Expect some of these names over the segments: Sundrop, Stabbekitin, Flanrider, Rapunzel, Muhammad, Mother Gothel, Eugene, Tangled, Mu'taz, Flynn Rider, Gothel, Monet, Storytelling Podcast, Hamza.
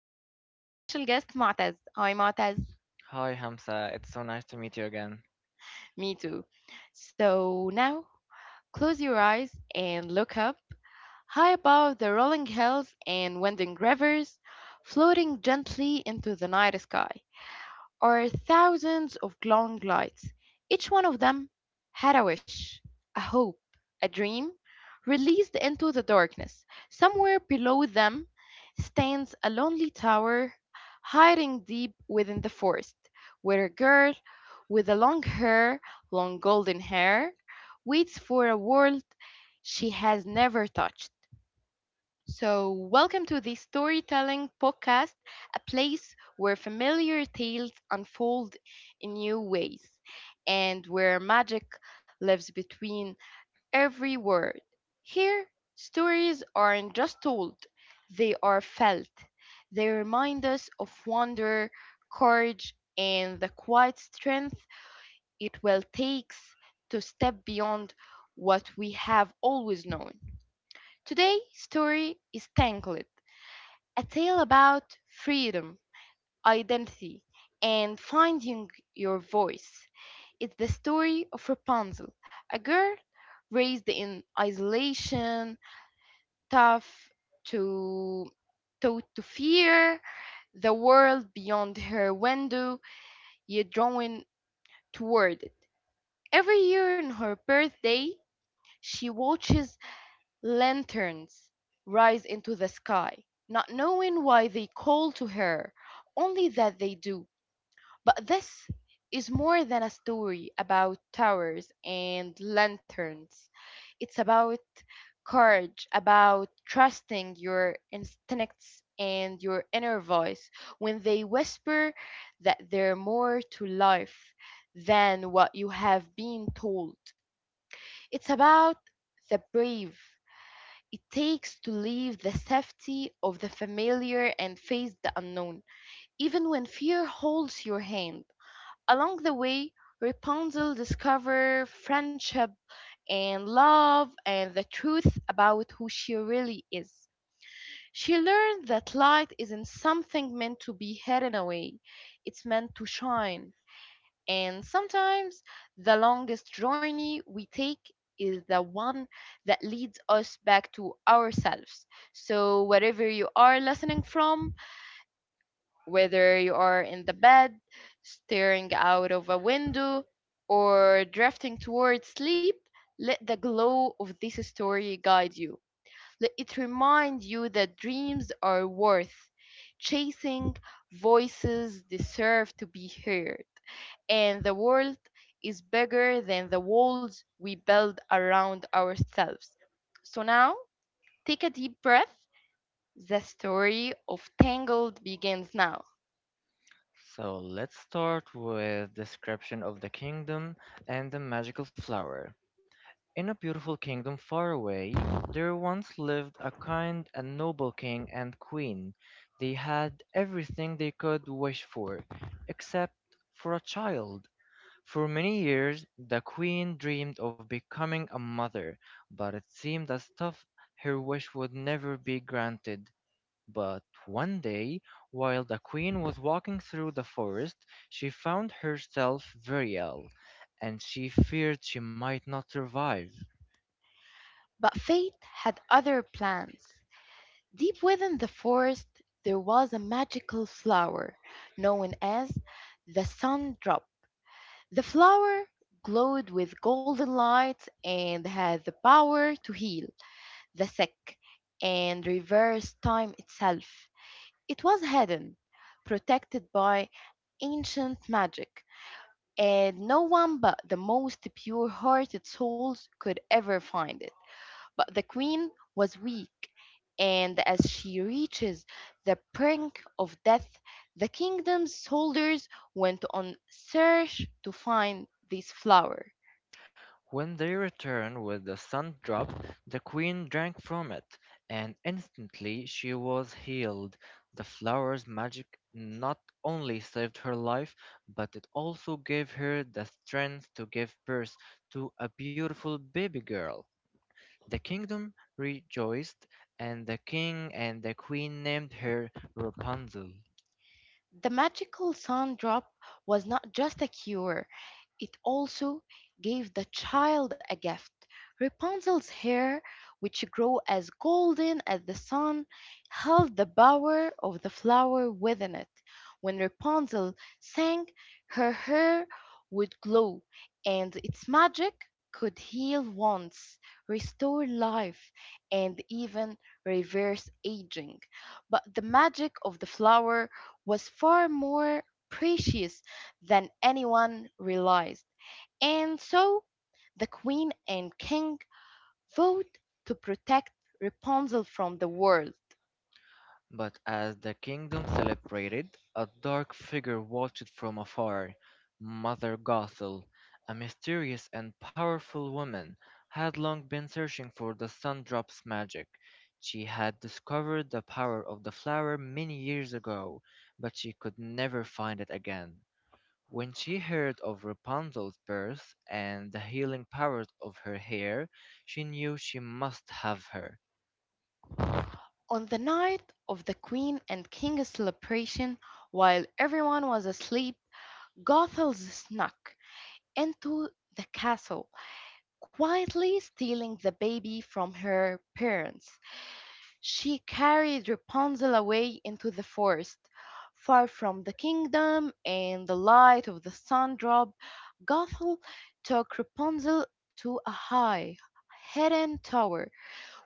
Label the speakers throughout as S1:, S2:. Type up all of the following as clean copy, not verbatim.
S1: again with my special guest Mu'taz. Hi, Mu'taz.
S2: Hi Hamza, it's so nice to meet you again.
S1: Me too. So now, close your eyes and look up high above the rolling hills and winding rivers, floating gently into the night sky. Or thousands of glowing lights. Each one of them had a wish, a hope, a dream, released into the darkness. Somewhere below them stands a lonely tower, hiding deep within the forest, where a girl with a long hair, long golden hair, waits for a world she has never touched. So, welcome to the Storytelling Podcast, a place where familiar tales unfold in new ways and where magic lives between every word. Here, stories aren't just told, they are felt. They remind us of wonder, courage, and the quiet strength it will take to step beyond what we have always known. Today's story is Tangled, a tale about freedom, identity, and finding your voice. It's the story of Rapunzel, a girl raised in isolation, tough to taught to fear the world beyond her window, yet drawn toward it. Every year on her birthday, she watches lanterns rise into the sky, not knowing why they call to her, only that they do. But this is more than a story about towers and lanterns. It's about courage, about trusting your instincts and your inner voice when they whisper that there's more to life than what you have been told. It's about the brave it takes to leave the safety of the familiar and face the unknown, even when fear holds your hand. Along the way, Rapunzel discovers friendship and love and the truth about who she really is. She learned that light isn't something meant to be hidden away, it's meant to shine. And sometimes the longest journey we take is the one that leads us back to ourselves. So, wherever you are listening from, whether you are in the bed, staring out of a window, or drifting towards sleep, let the glow of this story guide you. Let it remind you that dreams are worth chasing, voices deserve to be heard, and the world is bigger than the walls we build around ourselves. So now, take a deep breath. The story of Tangled begins now.
S2: So let's start with description of the kingdom and the magical flower. In a beautiful kingdom far away, there once lived a kind and noble king and queen. They had everything they could wish for, except for a child. For many years, the queen dreamed of becoming a mother, but it seemed as though her wish would never be granted. But one day, while the queen was walking through the forest, she found herself very ill, and she feared she might not survive.
S1: But fate had other plans. Deep within the forest, there was a magical flower known as the Sundrop. The flower glowed with golden light and had the power to heal the sick and reverse time itself. It was hidden, protected by ancient magic, and no one but the most pure hearted souls could ever find it. But the queen was weak, and as she reaches the brink of death, the kingdom's soldiers went on search to find this flower.
S2: When they returned with the sun drop, the queen drank from it, and instantly she was healed. The flower's magic not only saved her life, but it also gave her the strength to give birth to a beautiful baby girl. The kingdom rejoiced, and the king and the queen named her Rapunzel.
S1: The magical sun drop was not just a cure. It also gave the child a gift. Rapunzel's hair, which grew as golden as the sun, held the power of the flower within it. When Rapunzel sang, her hair would glow, and its magic could heal wounds, restore life, and even reverse aging. But the magic of the flower was far more precious than anyone realized. And so the queen and king vowed to protect Rapunzel from the world.
S2: But as the kingdom celebrated, a dark figure watched from afar. Mother Gothel, a mysterious and powerful woman, had long been searching for the Sundrop's magic. She had discovered the power of the flower many years ago, but she could never find it again. When she heard of Rapunzel's birth and the healing powers of her hair, she knew she must have her.
S1: On the night of the queen and king's celebration, while everyone was asleep, Gothel snuck into the castle, quietly stealing the baby from her parents. She carried Rapunzel away into the forest, far from the kingdom and the light of the sun dropped. Gothel took Rapunzel to a high, hidden tower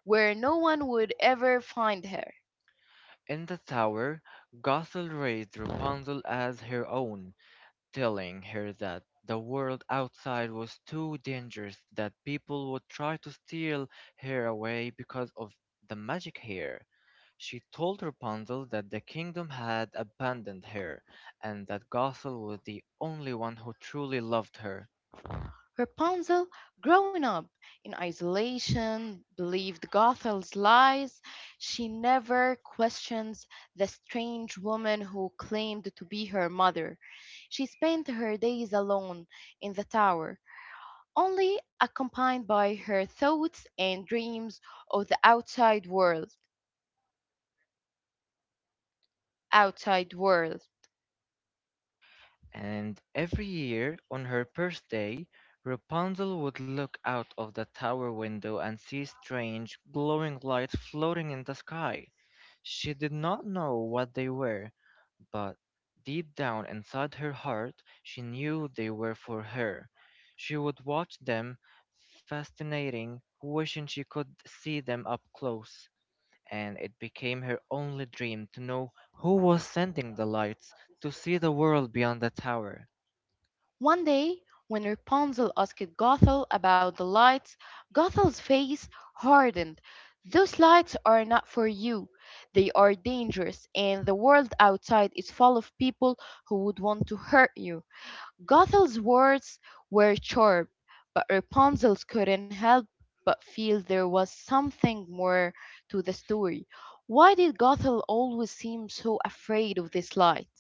S1: where no one would ever find her.
S2: In the tower, Gothel raised Rapunzel as her own, telling her that the world outside was too dangerous, that people would try to steal her away because of the magic hair. She told Rapunzel that the kingdom had abandoned her, and that Gothel was the only one who truly loved her.
S1: Rapunzel, growing up in isolation, believed Gothel's lies. She never questions the strange woman who claimed to be her mother. She spent her days alone in the tower, only accompanied by her thoughts and dreams of the outside world. Outside world.
S2: And every year, on her birthday, Rapunzel would look out of the tower window and see strange, glowing lights floating in the sky. She did not know what they were, but deep down inside her heart, she knew they were for her. She would watch them, fascinating, wishing she could see them up close. And it became her only dream to know who was sending the lights, to see the world beyond the tower.
S1: One day, when Rapunzel asked Gothel about the lights, Gothel's face hardened. Those lights are not for you. They are dangerous, and the world outside is full of people who would want to hurt you. Gothel's words were sharp, but Rapunzel couldn't help but feel there was something more to the story. Why did Gothel always seem so afraid of this light?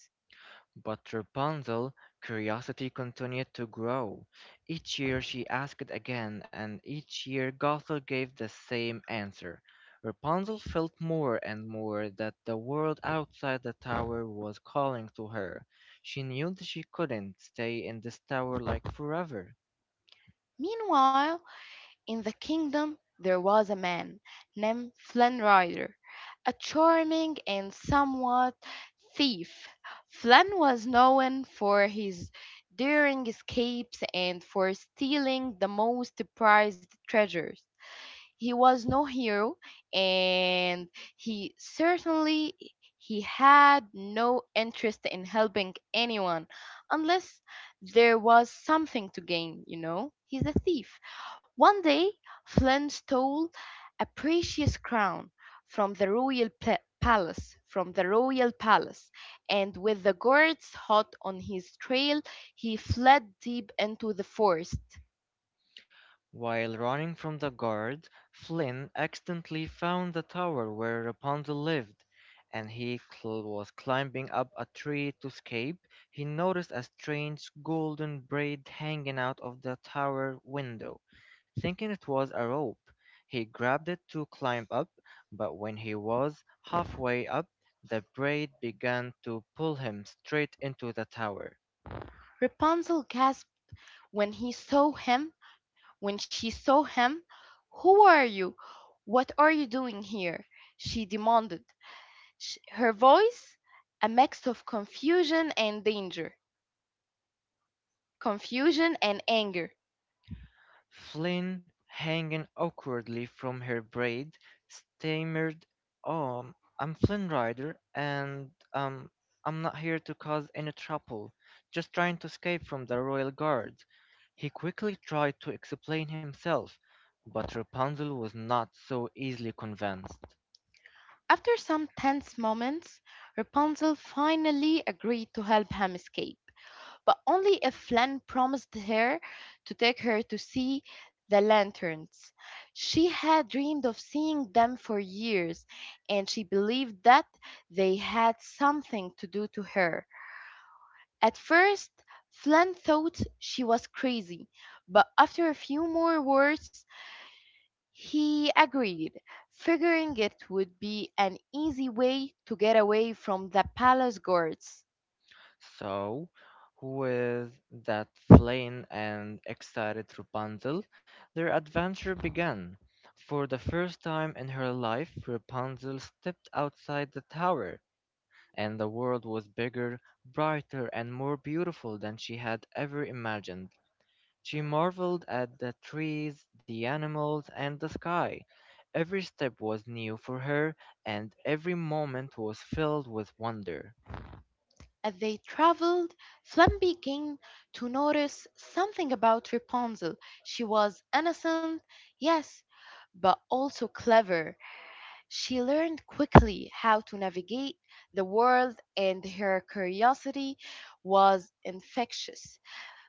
S2: But Rapunzel's curiosity continued to grow. Each year she asked again, and each year Gothel gave the same answer. Rapunzel felt more and more that the world outside the tower was calling to her. She knew that she couldn't stay in this tower like forever.
S1: Meanwhile, in the kingdom there was a man named Flanrider, a charming and somewhat thief. Flan was known for his daring escapes and for stealing the most prized treasures. He was no hero, and he certainly he had no interest in helping anyone unless there was something to gain. He's a thief. One day Flynn stole a precious crown from the royal palace, and with the guards hot on his trail, he fled deep into the forest.
S2: While running from the guard, Flynn accidentally found the tower where Rapunzel lived, and was climbing up a tree to escape. He noticed a strange golden braid hanging out of the tower window. Thinking it was a rope, he grabbed it to climb up, but when he was halfway up, the braid began to pull him straight into the tower.
S1: Rapunzel gasped when he saw him, when she saw him. "Who are you? What are you doing here?" she demanded, her voice a mix of confusion and anger.
S2: Flynn, hanging awkwardly from her braid, stammered, "Oh, I'm Flynn Rider, and I'm not here to cause any trouble. Just trying to escape from the royal guard." He quickly tried to explain himself, but Rapunzel was not so easily convinced.
S1: After some tense moments, Rapunzel finally agreed to help him escape, but only if Len promised her to take her to see the lanterns. She had dreamed of seeing them for years, and she believed that they had something to do to her. At first, Flynn thought she was crazy, but after a few more words, he agreed, figuring it would be an easy way to get away from the palace guards.
S2: So, with that plain and excited Rapunzel, their adventure began. For the first time in her life, Rapunzel stepped outside the tower, and the world was bigger, brighter, and more beautiful than she had ever imagined. She marveled at the trees, the animals, and the sky. Every step was new for her, and every moment was filled with wonder.
S1: As they traveled, Flem began to notice something about Rapunzel. She was innocent, yes, but also clever. She learned quickly how to navigate the world, and her curiosity was infectious.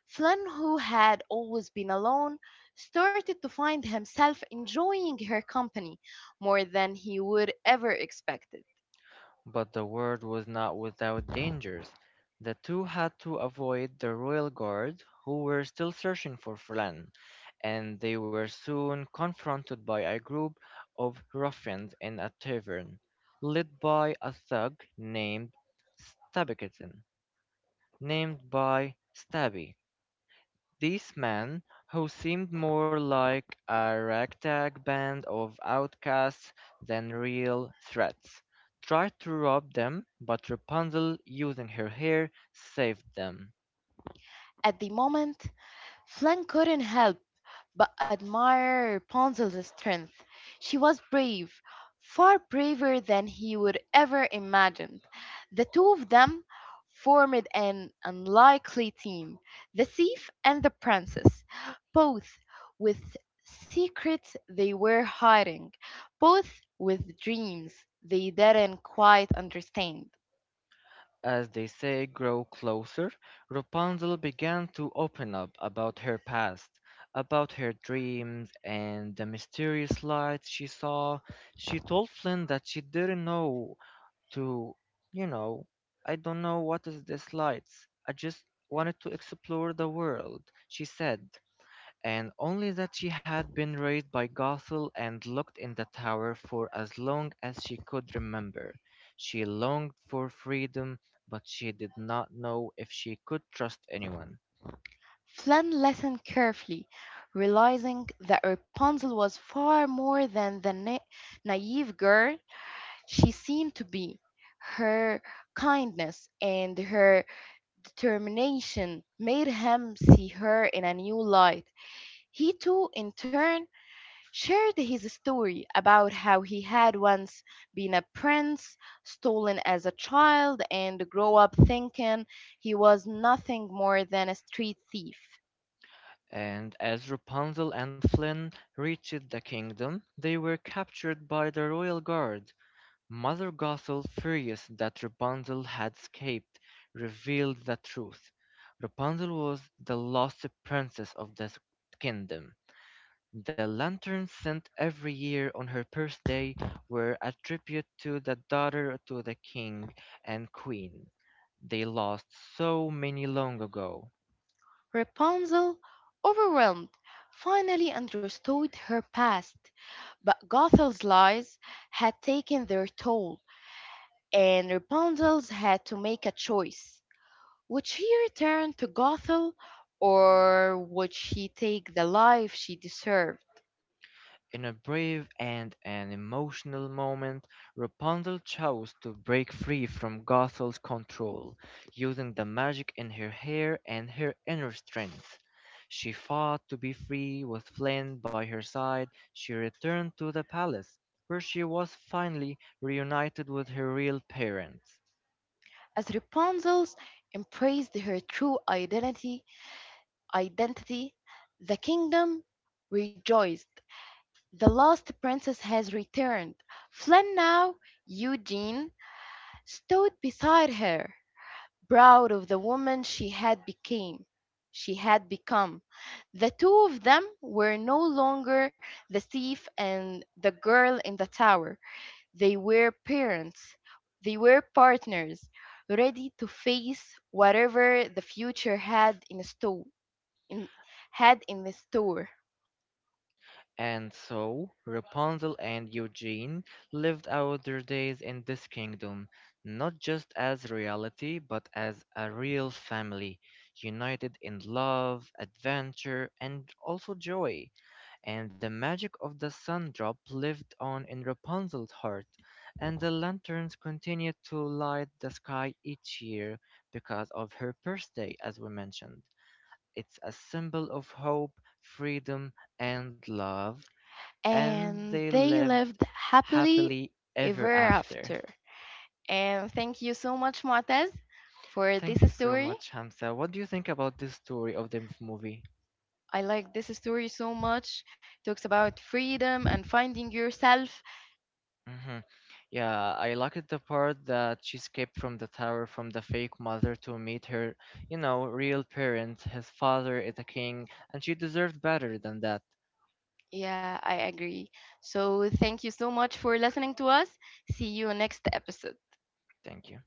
S1: Flynn, who had always been alone, started to find himself enjoying her company more than he would ever expected.
S2: But the word was not without dangers. The two had to avoid the royal guard, who were still searching for Flan, and they were soon confronted by a group of ruffians in a tavern, led by a thug named Stabbekitin, named by Stabby, these men, who seemed more like a ragtag band of outcasts than real threats, tried to rob them, but Rapunzel, using her hair, saved them.
S1: At the moment, Flynn couldn't help but admire Rapunzel's strength. She was brave, far braver than he would ever imagine. The two of them formed an unlikely team, the thief and the princess, both with secrets they were hiding, both with dreams they didn't quite understand.
S2: As they say grow closer, Rapunzel began to open up about her past, about her dreams and the mysterious lights she saw. She told Flynn that she didn't know to, you know, I don't know what is this lights. I just wanted to explore the world, she said, and only that she had been raised by Gothel and looked in the tower for as long as she could remember. She longed for freedom, but she did not know if she could trust anyone.
S1: Flynn listened carefully, realizing that Rapunzel was far more than the naive girl she seemed to be. Her kindness and her determination made him see her in a new light. He too, in turn, shared his story about how he had once been a prince, stolen as a child, and grow up thinking he was nothing more than a street thief.
S2: And as Rapunzel and Flynn reached the kingdom, they were captured by the royal guard Mother Gothel, furious that Rapunzel had escaped, revealed the truth. Rapunzel was the lost princess of the kingdom. The lanterns sent every year on her birthday were a tribute to the daughter to the king and queen. They lost so many long ago.
S1: Rapunzel, overwhelmed, finally understood her past, but Gothel's lies had taken their toll. And Rapunzel's had to make a choice. Would she return to Gothel or would she take the life she deserved?
S2: In a brave and an emotional moment, Rapunzel chose to break free from Gothel's control, using the magic in her hair and her inner strength. She fought to be free with Flynn by her side. She returned to the palace, where she was finally reunited with her real parents.
S1: As Rapunzel embraced her true identity, the kingdom rejoiced. The lost princess has returned. Flynn, now Eugene, stood beside her, proud of the woman she had become. The two of them were no longer the thief and the girl in the tower. They were parents, they were partners, ready to face whatever the future had in store in, had in the store
S2: And so, Rapunzel and Eugene lived out their days in this kingdom, not just as reality, but as a real family, united in love, adventure, and also joy. And the magic of the sun drop lived on in Rapunzel's heart, and the lanterns continued to light the sky each year because of her birthday, as we mentioned. It's a symbol of hope, freedom, and love and
S1: and
S2: they
S1: they
S2: lived
S1: lived happily
S2: happily ever
S1: ever
S2: after.
S1: after. And thank you so much Muataz for this
S2: Thank you so
S1: story.
S2: much, Hamza. What do you think about this story of the movie?
S1: I like this story so much. Talks about freedom and finding yourself.
S2: Hmm. Yeah, I liked the part that she escaped from the tower from the fake mother to meet her, you know, real parents. His father is a king, and she deserved better than that.
S1: Yeah, I agree. So thank you so much for listening to us. See you next episode.
S2: Thank you.